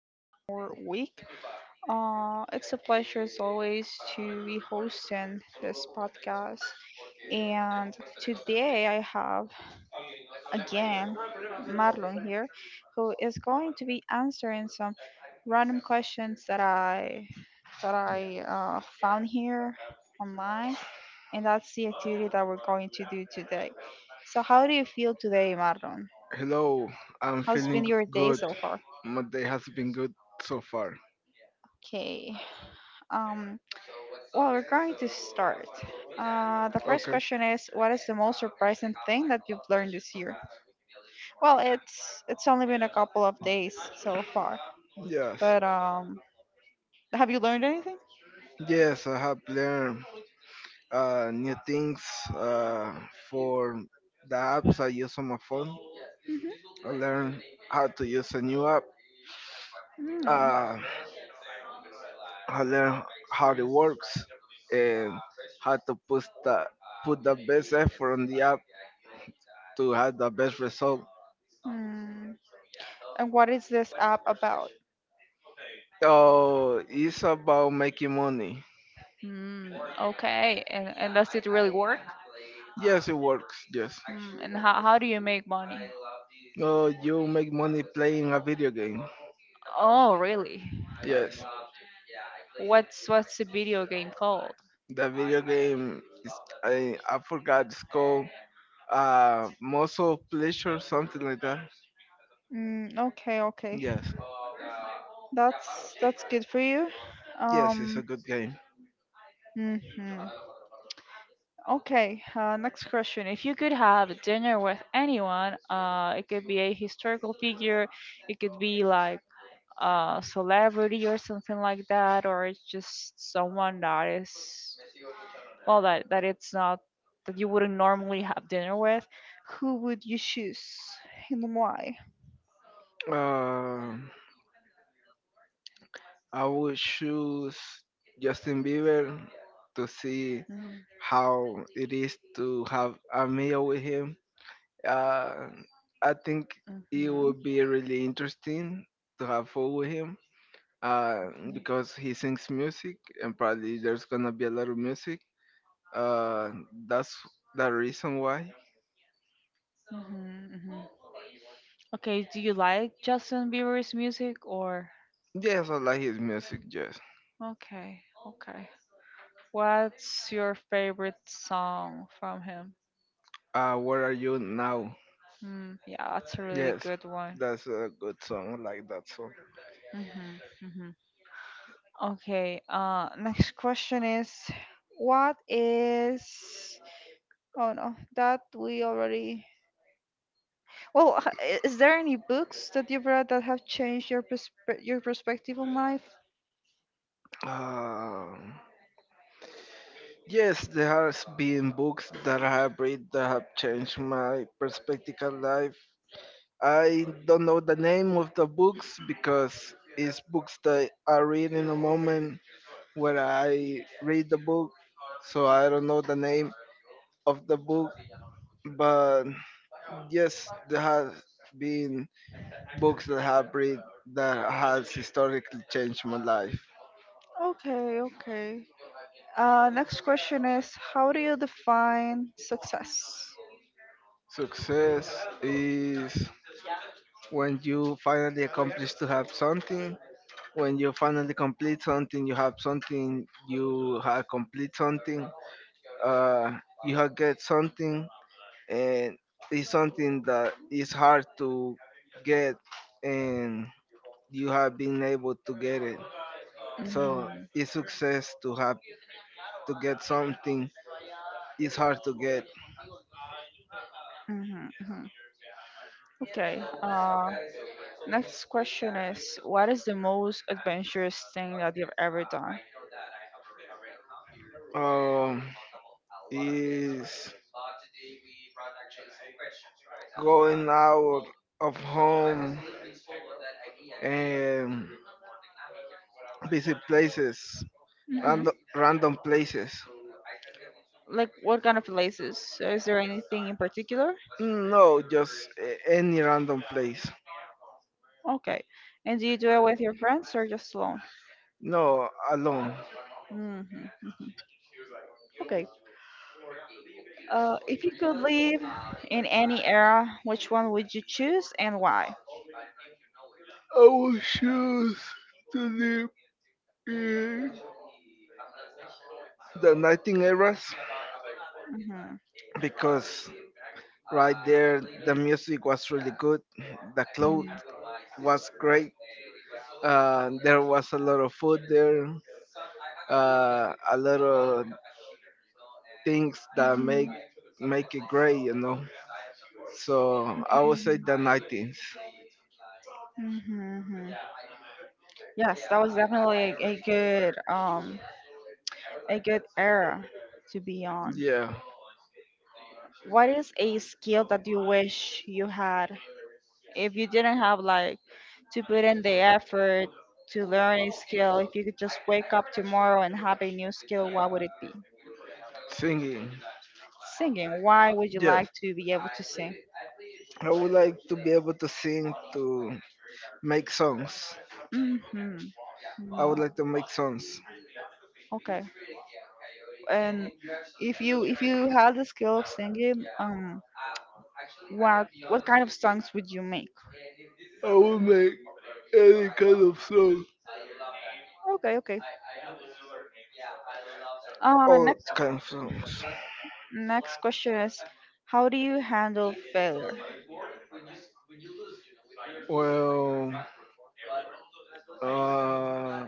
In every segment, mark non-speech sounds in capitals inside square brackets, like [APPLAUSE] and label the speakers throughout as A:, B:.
A: one more week. It's a pleasure as always to be hosting this podcast. And today I have again Marlon here who is going to be answering some random questions that I found here online and that's the activity that we're going to do today. So how do you feel today, Marlon?
B: Hello, I'm
A: How's
B: feeling
A: been your day
B: good.
A: so far?
B: My day has been good so far.
A: Okay. Um, well, we're going to start. The first
B: Okay.
A: question is, what is the most surprising thing that you've learned this year? Well, it's only been a couple of days so far,
B: Yes.
A: but have you learned anything?
B: Yes, I have learned new things uh, for the apps I use on my phone.
A: Hmm.
B: I learned how to use a new app.
A: Mm.
B: Uh, I learned how it works and how to put the best effort on the app to have the best result.
A: Mm. And what is this app about?
B: Oh, it's about making money.
A: Hmm. Okay. And does it really work?
B: Yes, it works. Yes.
A: And how do you make money?
B: Oh, you make money playing a video game.
A: Oh, really? Okay.
B: Yes.
A: What's the video game called?
B: The video game is, I forgot it's called muscle pleasure, something like that.
A: Mm, okay, okay.
B: Yes.
A: That's good for you.
B: Yes, it's a
A: Um,
B: good game.
A: mhm. Okay, next question. If you could have dinner with anyone, it could be a historical figure, it could be like celebrity or something like that, or it's just someone that is, well, that it's not that you wouldn't normally have dinner with. Who would you choose, and why?
B: Uh, I would choose Justin Bieber to see
A: Mm-hmm.
B: how it is to have a meal with him. Uh, I think it
A: Mm-hmm.
B: would be really interesting to have food with him, uh, because he sings music and probably there's gonna be a lot of music. Uh, that's the reason why.
A: Mm-hmm. Okay, do you like Justin Bieber's music, or?
B: Yes, I like his music. Yes.
A: Okay, okay, what's your favorite song from him?
B: Where are you now?
A: Yeah, that's a really
B: Yes,
A: good one.
B: that's a good song. I like that song.
A: Mm-hmm. Mm-hmm. Okay, next question is, what is. Oh no, that we already. Well, is there any books that you've read that have changed your your perspective on life?
B: Uh, Yes, there has been books that I have read that have changed my perspective on life. I don't know the name of the books because it's books that I read in a moment where I read the book, so I don't know the name of the book. But yes, there has been books that I have read that has historically changed my life.
A: Okay, okay. Next question is, how do you define success?
B: Success is when you finally accomplish to have something. When you finally complete something, you have something, you have complete something, uh you have get something, and it's something that is hard to get, and you have been able to get it, so
A: Mhm.
B: it's success to have to get something, it's hard to get.
A: Mhm, mhm. Okay. Next question is, what is the most adventurous thing that you've ever done?
B: Um, is going out of home and visit places,
A: Hmm.
B: random places.
A: Like, what kind of places? So is there anything in particular?
B: No, just any random place.
A: Okay. And do you do it with your friends or just alone?
B: No, alone.
A: Hmm. Hmm. Okay. If you could live in any era, which one would you choose and why?
B: I will choose to live in the Nightingales
A: Hmm.
B: because right there the music was really good, the cloth was great, there was a lot of food there, a lot of things that
A: Hmm.
B: make
A: Hmm.
B: make it great, you know. So I would say the 19th.
A: Hmm. Hmm. Yes, that was definitely a good era to be on.
B: Yeah.
A: What is a skill that you wish you had? If you didn't have like to put in the effort to learn a skill, if you could just wake up tomorrow and have a new skill, what would it be?
B: Singing.
A: Singing. Why would you
B: Yes,
A: like to be able to sing?
B: I would like to be able to sing, to make songs.
A: Mm-hmm.
B: I would
A: Mm-hmm.
B: like to make songs.
A: Okay. And if you had the skill of singing, what kind of songs would you make?
B: I will make any kind of song.
A: Okay, okay. Uh,
B: All
A: next
B: kind of songs.
A: next question is, how do you handle failure?
B: Well, Uh,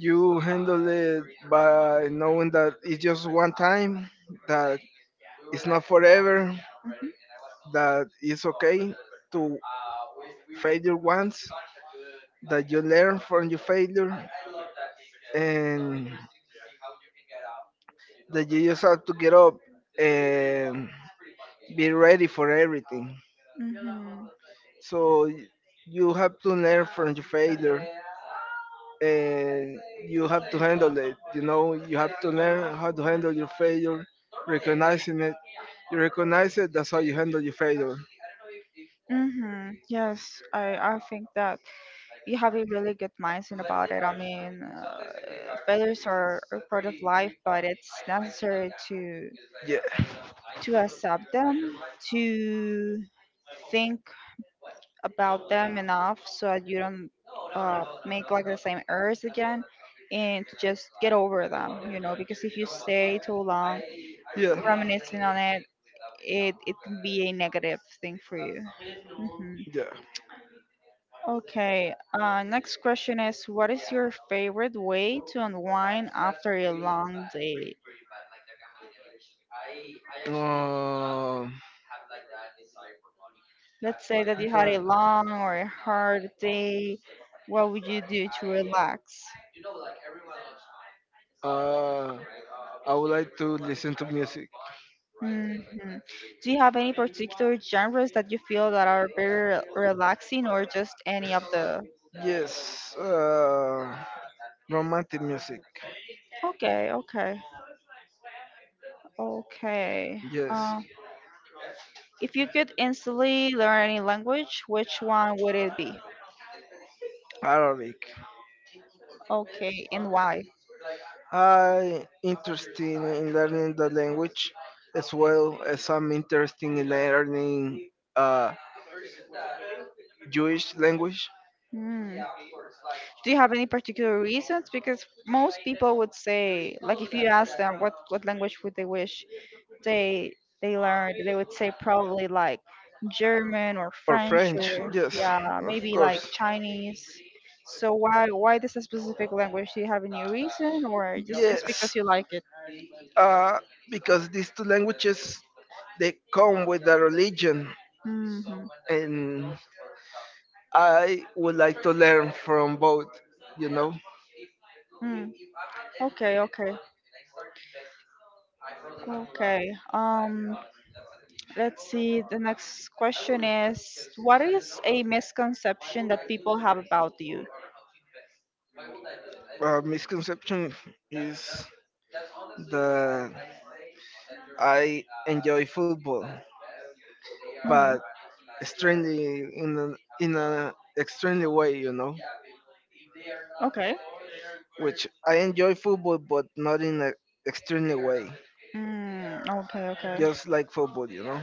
B: you handle it by knowing that it's just one time, that it's not forever,
A: Mhm.
B: that it's okay to failure once, that you learn from your failure, and that you just have to get up and be ready for everything.
A: Mhm.
B: So you have to learn from your failure, and you have to handle it. You know, you have to learn how to handle your failure, recognizing it. You recognize it, that's how you handle your failure.
A: Mm-hmm. Yes, I think that you have a really good mindset about it. I mean, failures are a part of life, but it's necessary to
B: Yeah.
A: to accept them, to think about them enough so that you don't make like the same errors again, and just get over them. You know, because if you stay too long
B: Yeah.
A: reminiscing on it, it can be a negative thing for you. Hmm.
B: Yeah.
A: Okay, next question is, what is your favorite way to unwind after a long day? Let's say that you
B: Uh,
A: had
B: that-
A: a long or a hard day. What would you do to relax?
B: uh, I would like to listen to music.
A: Hmm. Do you have any particular genres that you feel that are very relaxing, or just any of the?
B: Yes, romantic music.
A: Okay, okay, okay.
B: Yes,
A: Uh, If you could instantly learn any language, which one would it be?
B: Arabic.
A: Okay, and why?
B: I interested in learning the language, as well as I'm interested in learning, uh, Jewish language.
A: Hmm. Do you have any particular reasons? Because most people would say, like, if you ask them what language would they wish they they learned, they would say probably like German or
B: Or
A: French
B: French,
A: or
B: yes,
A: yeah,
B: of
A: maybe like
B: course.
A: Chinese. So why this specific language? Do you have any reason, or just because
B: Yes,
A: you like it?
B: uh, because these two languages, they come with a religion,
A: Mhm.
B: and I would like to learn from both. You know.
A: Mm. Okay, okay, okay. Um, let's see. The next question is, what is a misconception that people have about you?
B: Misconception is that I enjoy football,
A: Mhm.
B: but extremely, in an extremely way, you know.
A: Okay.
B: Which I enjoy football, but not in an extremely way.
A: Mm, okay, okay.
B: Just like football, you know.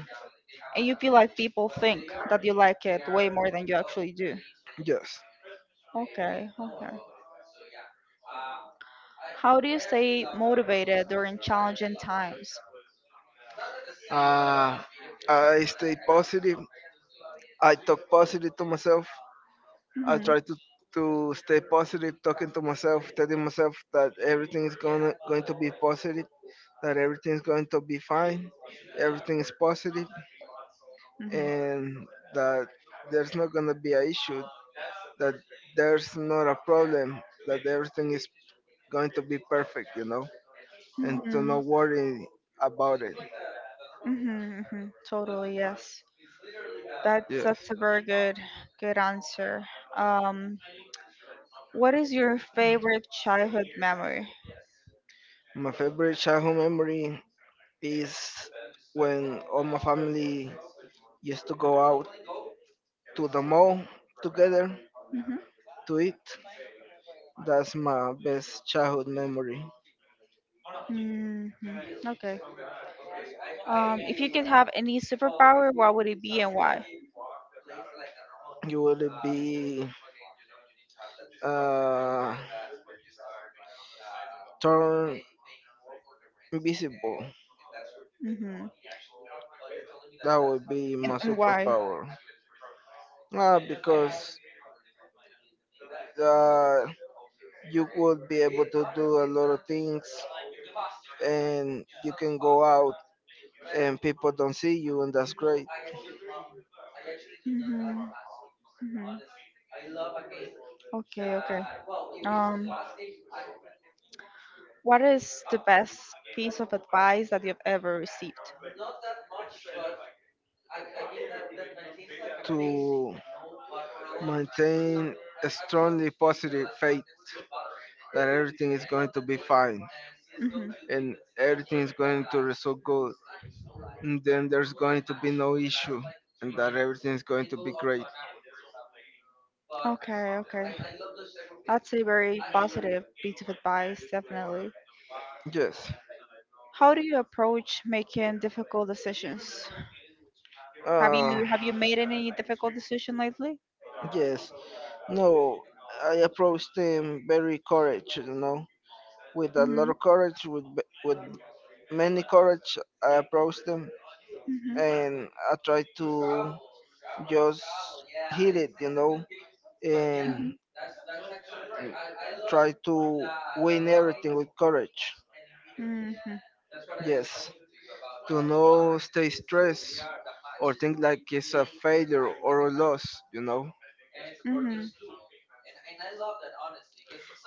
A: And you feel like people think that you like it way more than you actually do.
B: Yes.
A: Okay, okay. How do you stay motivated during challenging times?
B: Uh, I stay positive. I talk positive to myself. I
A: Hmm.
B: try to stay positive, talking to myself, telling myself that everything is going to be positive, that everything is going to be fine, everything is positive, and that there's not going to be an issue, that there's not a problem, that everything is going to be perfect, you know, and to
A: Hmm.
B: not worry about it.
A: Hmm. Hmm. Hmm. Totally, yes. That's
B: Yes,
A: a very good answer. Um, What is your favorite childhood memory?
B: my favorite childhood memory is when all my family used to go out to the mall together
A: Mhm.
B: to eat. That's my best childhood memory.
A: Hmm. Okay. If you could have any superpower, what would it be and why?
B: You would be, uh, turn invisible.
A: Hmm.
B: That would be
A: And,
B: my
A: and why?
B: superpower. Because, uh, you would be able to do a lot of things and you can go out and people don't see you and that's great.
A: Hmm. Hmm. Okay, okay. Um, What is the best piece of advice that you've ever received?
B: To maintain a strongly positive faith that everything is going to be fine,
A: Hmm.
B: and everything is going to result good, and then there's going to be no issue, and that everything is going to be great.
A: Okay, okay. That's a very positive piece of advice, definitely.
B: Yes.
A: How do you approach making difficult decisions? Have
B: uh
A: you have you made any difficult decision lately?
B: yes. No, I approached him very courage, you know, with a lot
A: Hmm.
B: of courage, with many courage, I approached them
A: Hmm.
B: and I tried to
A: Mhm.
B: just hit it, you know, and
A: Mhm.
B: try to win everything with courage.
A: Mhm.
B: Yes, to not stay stressed or think like it's a failure or a loss, you know.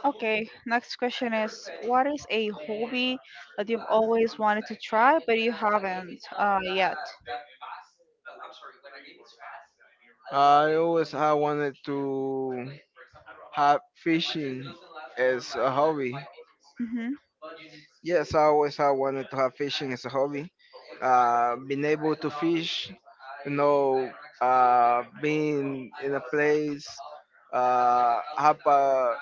A: Okay, next question is, what is a hobby that you've always wanted to try but you haven't yet?
B: I always I wanted to have fishing as a hobby.
A: Mm-hmm.
B: Yes, I always I wanted to have fishing as a hobby. Being able to fish, you know, being in a place, have a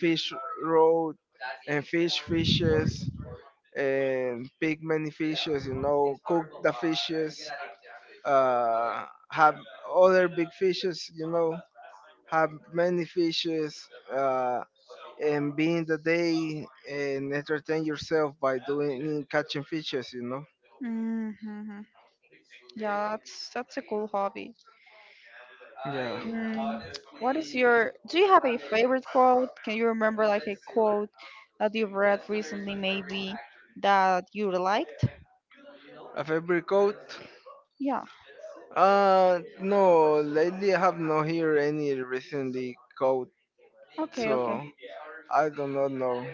B: fish road and fish fishes and pick many fishes, you know, cook the fishes, uh, have other big fishes, you know, have many fishes, uh, and be in the day and entertain yourself by doing catching fishes, you know.
A: Mm-hmm. Yeah, that's a cool hobby.
B: Yeah.
A: Mm, what is your, do you have a favorite quote? Can you remember like a quote that you've read recently, maybe, that you liked?
B: A favorite coat.
A: Yeah.
B: No, lately I have not heard any recently coat,
A: Okay,
B: so
A: okay.
B: I do not know.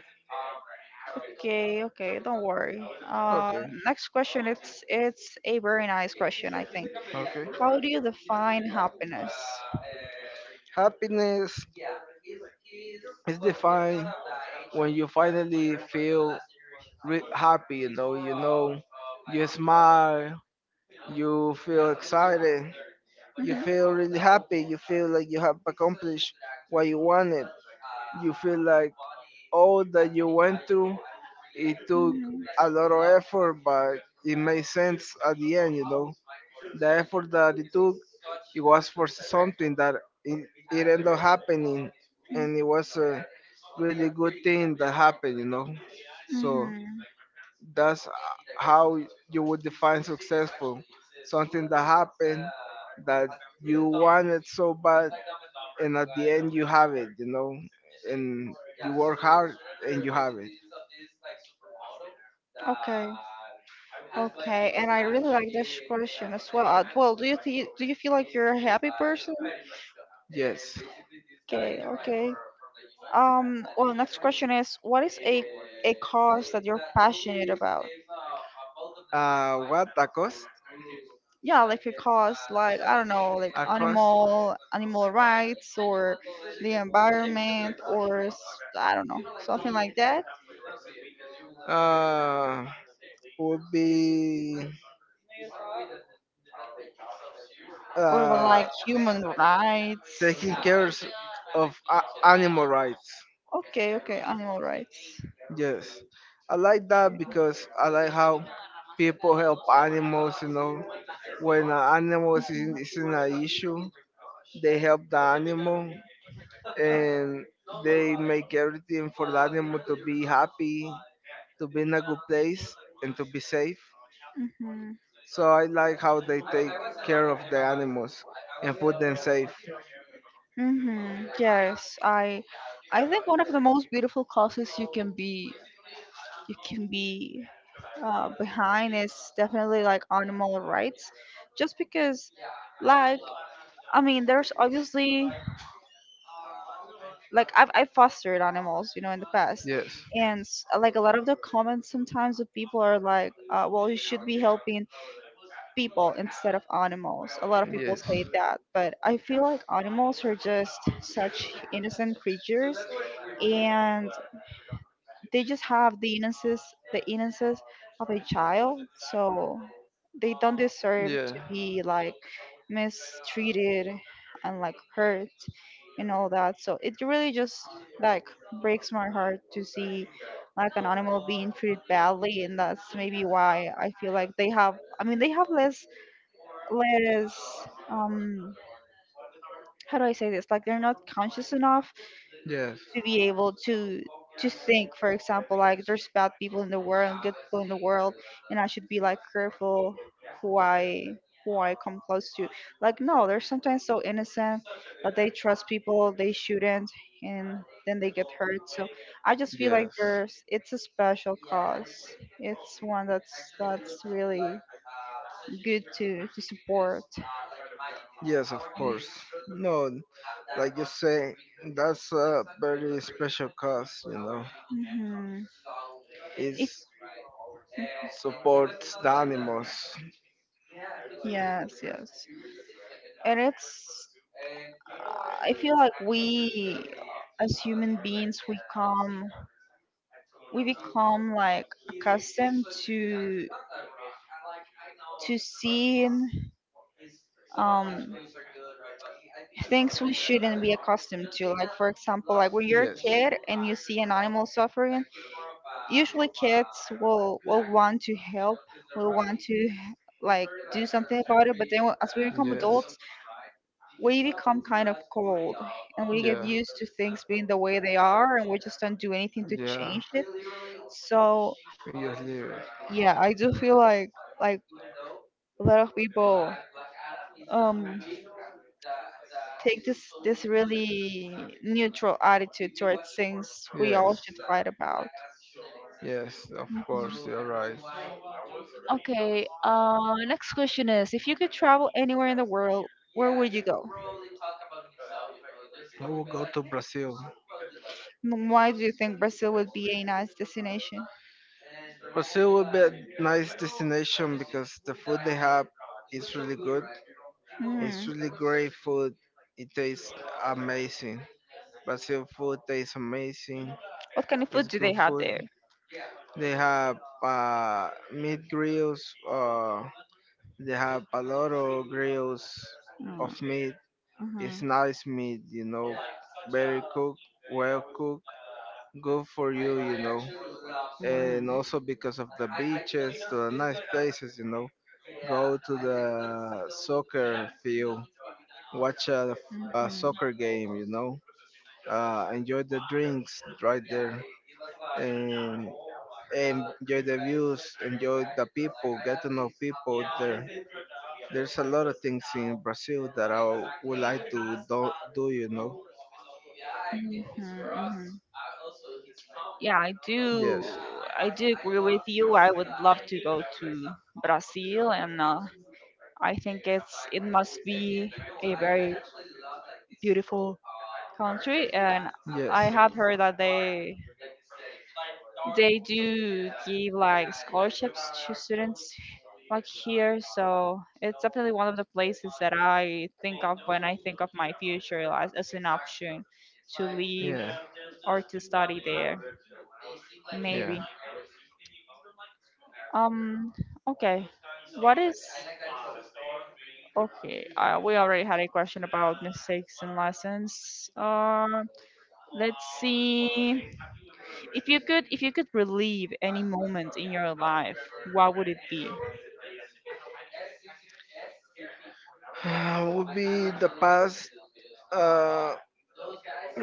A: Okay, okay, don't worry. Uh,
B: Okay.
A: next question, it's a very nice question, I think.
B: Okay.
A: How do you define happiness?
B: Happiness is defined when you finally feel happy, you know, you smile, you feel excited, you
A: Mhm,
B: feel really happy, you feel like you have accomplished what you wanted. You feel like all that you went through, it took a lot of effort, but it made sense at the end, you know the effort that it took, it was for something that, it ended up happening,
A: mhm,
B: and it was a really good thing that happened, you know. So
A: mhm.
B: that's how you would define successful, something that happened that you wanted so bad, and at the end you have it, you know, and you work hard and you have it.
A: Okay. Okay, and I really like this question as well. Well, do you do you feel like you're a happy person?
B: Yes.
A: Okay, okay. Well, next question is, what is a cause that you're passionate about?
B: What? A cost?
A: Yeah, like a cause, like, I don't know, like
B: A cost,
A: animal rights, or the environment, or I don't know, something like that.
B: uh, would be,
A: Or the,
B: uh,
A: like, human rights.
B: taking care of animal rights.
A: Okay, okay, animal rights.
B: Yes, I like that because I like how people help animals. You know, when an animal is in,
A: Mhm.
B: is in an issue, they help the animal and they make everything for the animal to be happy, to be in a good place, and to be safe.
A: Mm-hmm.
B: So I like how they take care of the animals and put them safe.
A: Mm-hmm. Yes, I think one of the most beautiful causes you can be, you can be behind is definitely like animal rights, just because, like, I mean, there's obviously, like, I've fostered animals, you know, in the past,
B: Yes,
A: and like, a lot of the comments sometimes of people are like, well, you should be helping people instead of animals. A lot of people
B: yes,
A: say that, but I feel like animals are just such innocent creatures, and they just have the innocence of a child, so they don't deserve
B: yeah,
A: to be like mistreated and like hurt and all that, so it really just like breaks my heart to see like an animal being treated badly, and that's maybe why I feel like they have I mean they have less um how do I say this, like they're not conscious enough
B: yes,
A: to be able to think, for example, like there's bad people in the world and good people in the world, and I should be like careful who i who I come close to, like, no, they're sometimes so innocent that they trust people they shouldn't, and then they get hurt, so I just feel like
B: yes.
A: there's it's a special cause, it's one that's really good to support.
B: Yes, of
A: Um,
B: course. No, like you say, that's a very special cause, you know.
A: Mhm.
B: It
A: If Mhm.
B: supports the animals.
A: Yes, yes, and it's I feel like we, as human beings, we come, we become like accustomed to seeing um things we shouldn't be accustomed to, like, for example, like when you're a
B: Yes,
A: kid and you see an animal suffering, usually kids will want to help, will want to, like, do something about it, but then, as we become
B: yes,
A: adults, we become kind of cold, and we get
B: yeah,
A: used to things being the way they are, and we just don't do anything to
B: yeah.
A: change it, so
B: Yes, leave it.
A: yeah, I do feel like, like a lot of people, um take this really neutral attitude towards things we all
B: Yes.
A: should fight about.
B: Yes, of
A: Mm-hmm.
B: course, you're right.
A: Okay. Next question is, if you could travel anywhere in the world, where would you go?
B: We will go to Brazil.
A: And why do you think Brazil would be a nice destination?
B: Brazil would be a nice destination because the food they have is really good. It's
A: Hmm.
B: really great food. It tastes amazing. Brazil food tastes amazing.
A: What kind of food
B: It's
A: do they
B: good
A: have
B: food.
A: there?
B: They have, meat grills. Uh, They have a lot of grills of
A: Mm,
B: meat.
A: mhm,
B: It's nice meat, you know. Very cooked, well cooked, good for you, you know. And
A: mm,
B: also because of the beaches, to the nice places, you know. Go to the soccer field, watch a
A: mhm.
B: soccer game, you know. Enjoy the drinks right there. And enjoy the views, enjoy the people, get to know people there. There's a lot of things in Brazil that I would like to do, do you know?
A: Mhm, mhm. Yeah, I do.
B: Yes.
A: I do agree with you. I would love to go to Brazil, and I think it must be a very beautiful country. And I
B: Yes.
A: have heard that they do give like scholarships to students like here, so it's definitely one of the places that I think of when I think of my future as an option to leave,
B: Yeah.
A: or to study there
B: Yeah.
A: maybe. um okay, what is okay, we already had a question about mistakes and lessons, let's see. If you could, relive any moment in your life, what would it be?
B: Would be the past. Uh,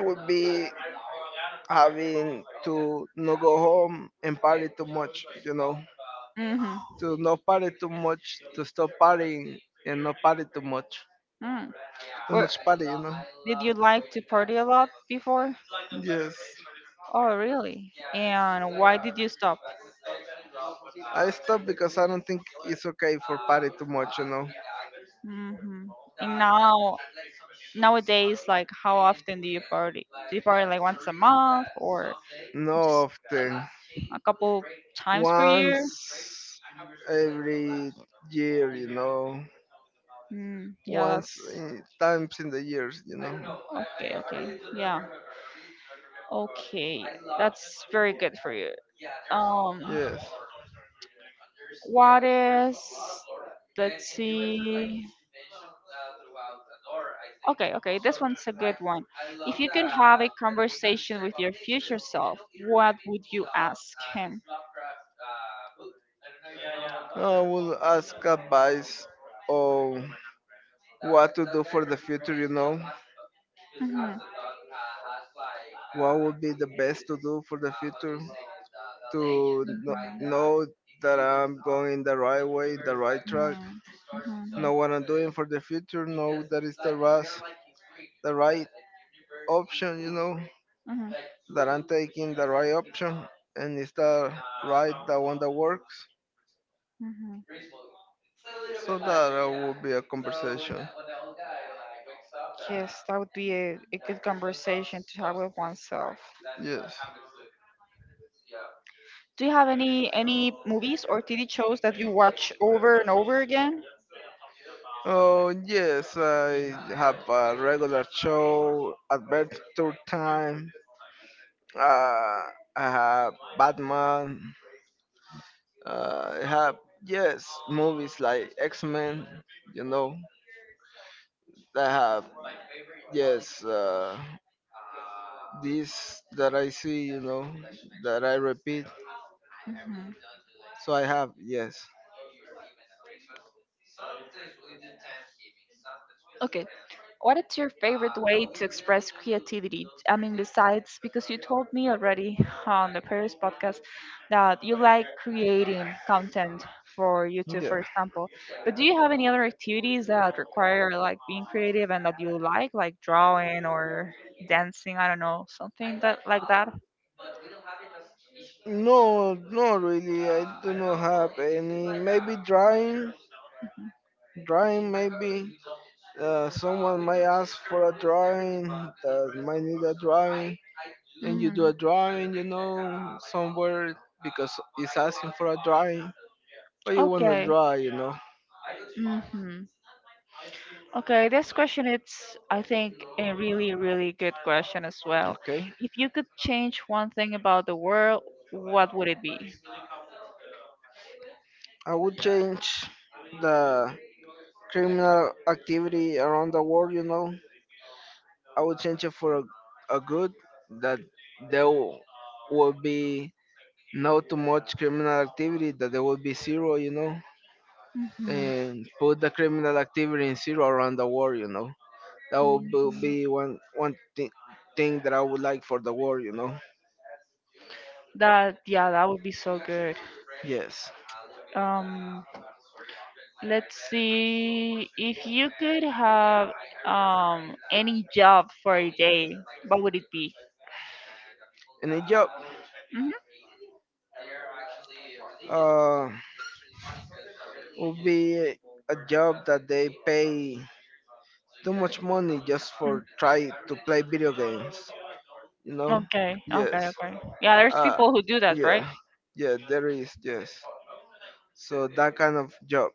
B: would be having to not go home and party too much. You know,
A: Mhm.
B: to not party too much, to stop partying and not party too much.
A: Mm.
B: Too
A: Where
B: much party, you know.
A: did you like to party a lot before?
B: Yes.
A: Oh, really? And why did you stop?
B: I stop because I don't think it's okay for party too much, you know.
A: Mhm. And now, nowadays, like, how often do you party? Do you party like once a month, or
B: Not often.
A: a couple times per year?
B: Once every year, you know.
A: Yeah,
B: Once
A: that's
B: in, times in the years, you know.
A: okay. Okay. Yeah. Okay. That's very good for you. Um,
B: Yes.
A: what is? Let's see. Okay, okay, this one's a good one. If you could have a conversation with your future self, what would you ask him?
B: I will ask advice. Oh. What to do for the future, you know?
A: Mhm.
B: What would be the best to do for the future? To
A: Mhm.
B: know that I'm going the right way, the right track,
A: Mhm.
B: know what I'm doing for the future, know that it's the right option, you know,
A: Mhm.
B: that I'm taking the right option and it's the right, the one that works.
A: Mhm. Mhm.
B: So that, will be a conversation.
A: Yes, that would be a good conversation to have with oneself.
B: Yes.
A: Do you have any movies or TV shows that you watch over and over again?
B: Oh, yes, I have a regular show, Adventure Time. Uh, I have Batman. I have, yes, movies like X Men, you know. I have, yes, this that I see, you know, that I repeat.
A: Mhm.
B: So I have, yes.
A: Okay. What is your favorite way to express creativity? I mean, besides, because you told me already on the previous podcast that you like creating content for YouTube, for
B: Yeah.
A: example. But do you have any other activities that require like being creative and that you like drawing or dancing? I don't know, something that like that.
B: No, no, really. I do not have any. Maybe drawing, drawing. Maybe, someone might ask for a drawing. That might need a drawing, and
A: Mhm.
B: you do a
A: Mhm.
B: drawing. You know, somewhere because it's asking for a drawing, but you want to
A: Okay.
B: draw. You know.
A: Hmm. Okay, this question, it's, I think, a really really good question as well.
B: Okay.
A: If you could change one thing about the world, what would it be?
B: I would change the criminal activity around the world. You know, I would change it for a good, that there will be no too much criminal activity, that there will be zero, you know,
A: Hmm.
B: and put the criminal activity in zero around the world, you know. That would be thing that I would like for the world, you know.
A: That yeah, that would be so good.
B: Yes.
A: Um, let's see. If you could have any job for a day, what would it be?
B: And a job
A: Hmm.
B: uh, would be a job that they pay too much money just for try to play video games you know
A: Okay,
B: yes.
A: okay, okay. Yeah, there's
B: uh
A: people who do that,
B: yeah,
A: right?
B: yeah there is, yes, so that kind of job.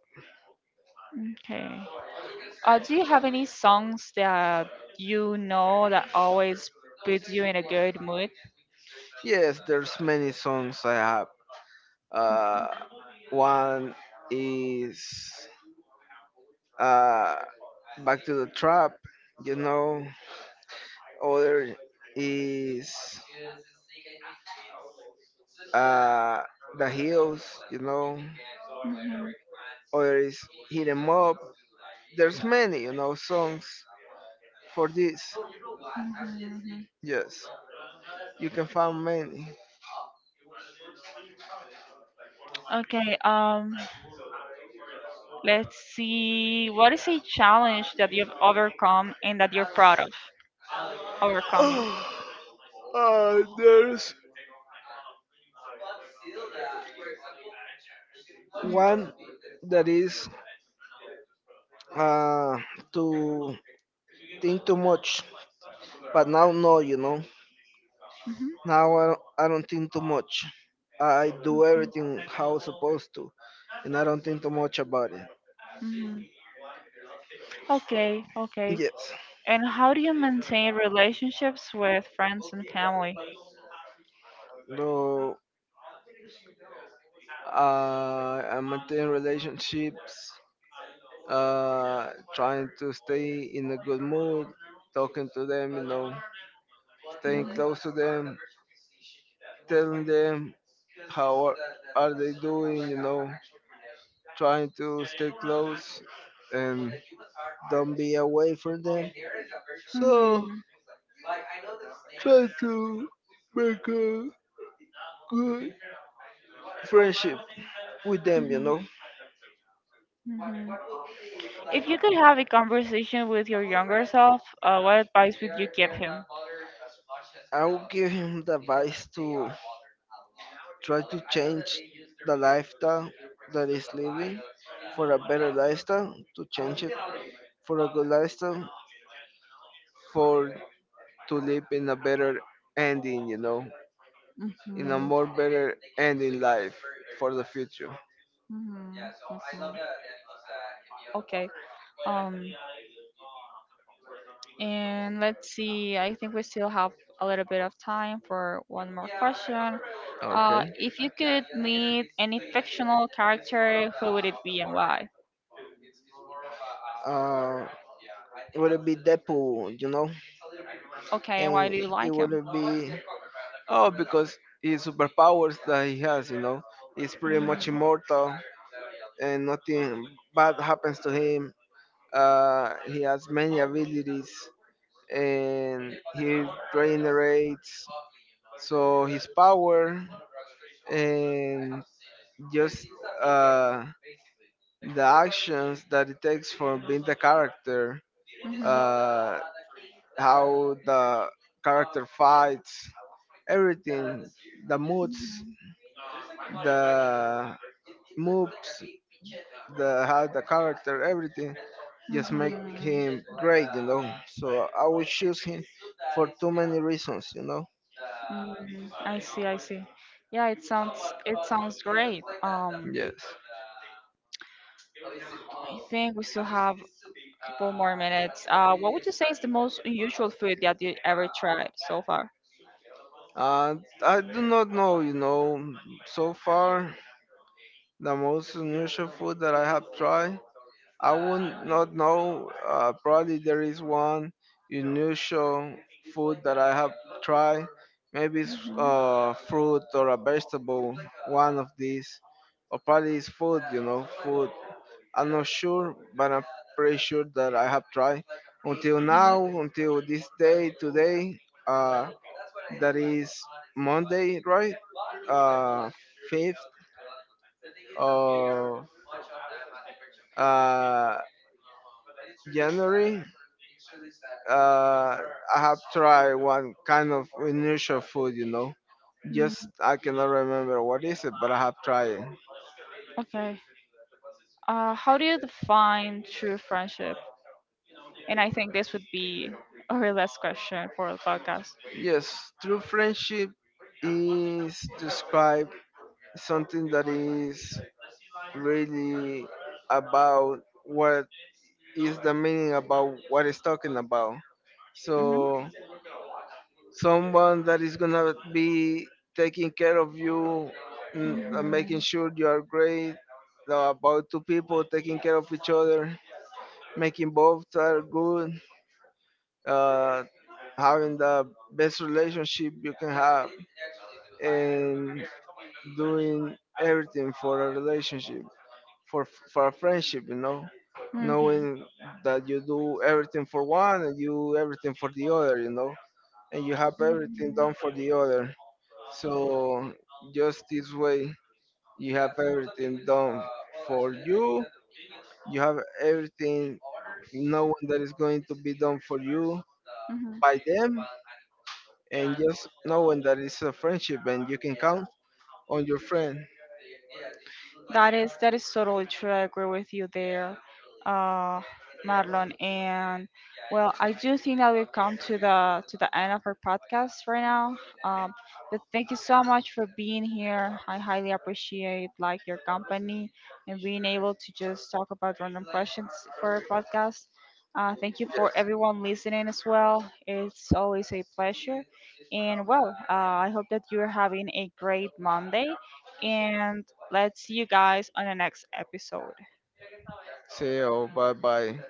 A: Okay. Do you have any songs that, you know, that always puts you in a good mood?
B: Yes, there's many songs I have. uh One is, uh Back to the Trap, you know. Other is, uh the Hills, you know.
A: Mhm,
B: Other is Hit 'Em Up. There's many, you know, songs for this.
A: mhm, mhm.
B: Yes, you can find many.
A: Okay, let's see. What is a challenge that you've overcome and that you're proud of overcoming?
B: [GASPS] [SIGHS] There's
A: Mm-hmm.
B: one that is, uh, to think too much, but now no, you know.
A: Hmm.
B: Now I don't think too much. I do everything how I'm supposed to, and I don't think too much about it.
A: Hmm. Okay, okay.
B: Yes.
A: And how do you maintain relationships with friends and family?
B: So I maintain relationships, uh, trying to stay in a good mood, talking to them, you know, staying
A: Hmm.
B: close to them, telling them how are they doing, you know, trying to stay close and don't be away from them.
A: Hmm.
B: So
A: Hmm.
B: try to make a good friendship with them, you
A: Hmm.
B: know.
A: If you could have a conversation with your younger self, what advice would you give him?
B: I'll give him the advice to try to change the lifestyle that is living for a better lifestyle, to change it for a good lifestyle, for to live in a better ending, you know, in a
A: Mhm.
B: more better ending life for the future.
A: Mhm. Mhm. Okay. Um, and let's see. I think we still have a little bit of time for one more question. Uh,
B: Okay.
A: if you could meet any fictional character, who would it be and why?
B: Uh, would it be Deadpool, you know?
A: Okay, and why
B: And
A: do you
B: it
A: like
B: would
A: him?
B: be, oh, because his superpowers that he has, you know, he's pretty much immortal and nothing bad happens to him. He has many abilities and he generates so his power, and just, uh, the actions that it takes for being the character,
A: Mm-hmm.
B: uh, how the character fights, everything, the moods, the moves, the how the character, everything just make
A: Mhm.
B: him great, you know. So I would choose him for too many reasons, you know.
A: Mm, I see, I see. Yeah, it sounds great.
B: Yes.
A: I think we still have a couple more minutes. What would you say is the most unusual food that you ever tried so far?
B: Uh, I do not know, you know, so far the most unusual food that I have tried, I would not know. Probably there is one unusual food that I have tried. Maybe it's
A: Mhm.
B: fruit or a vegetable, one of these. Or probably it's food, you know, food. I'm not sure, but I'm pretty sure that I have tried. Until now, until this day, today, uh, that is Monday, right? Uh, 5th of uh, January, uh, I have tried one kind of unusual food, you know.
A: Mm.
B: Just I cannot remember what is it, but I have tried it.
A: Okay. How do you define true friendship? And I think this would be our last question for the podcast.
B: Yes, true friendship is describe something that is really about what is the meaning about what it's talking about.
A: Hmm.
B: So someone that is gonna be taking care of you, mm, and making
A: Hmm.
B: sure you are great. About two people taking care of each other, making both are good, uh, having the best relationship you can have, and doing everything for a relationship, for for a friendship, you know,
A: Hmm.
B: knowing that you do everything for one and you everything for the other, you know, and you have everything done for the other. So just this way, you have everything done for you. You have everything, knowing that is going to be done for you
A: Hmm. Hmm.
B: by them, and just knowing that it's a friendship and you can count on your friend. Yes.
A: That is totally true. I agree with you there, uh, Marlon. And, well, I do think that we've come to the end of our podcast right now. Um, but thank you so much for being here. I highly appreciate like your company and being able to just talk about random questions for our podcast. Thank you for everyone listening as well. It's always a pleasure. And, well, I hope that you're having a great Monday and let's see you guys on the next episode.
B: Say, oh, bye bye.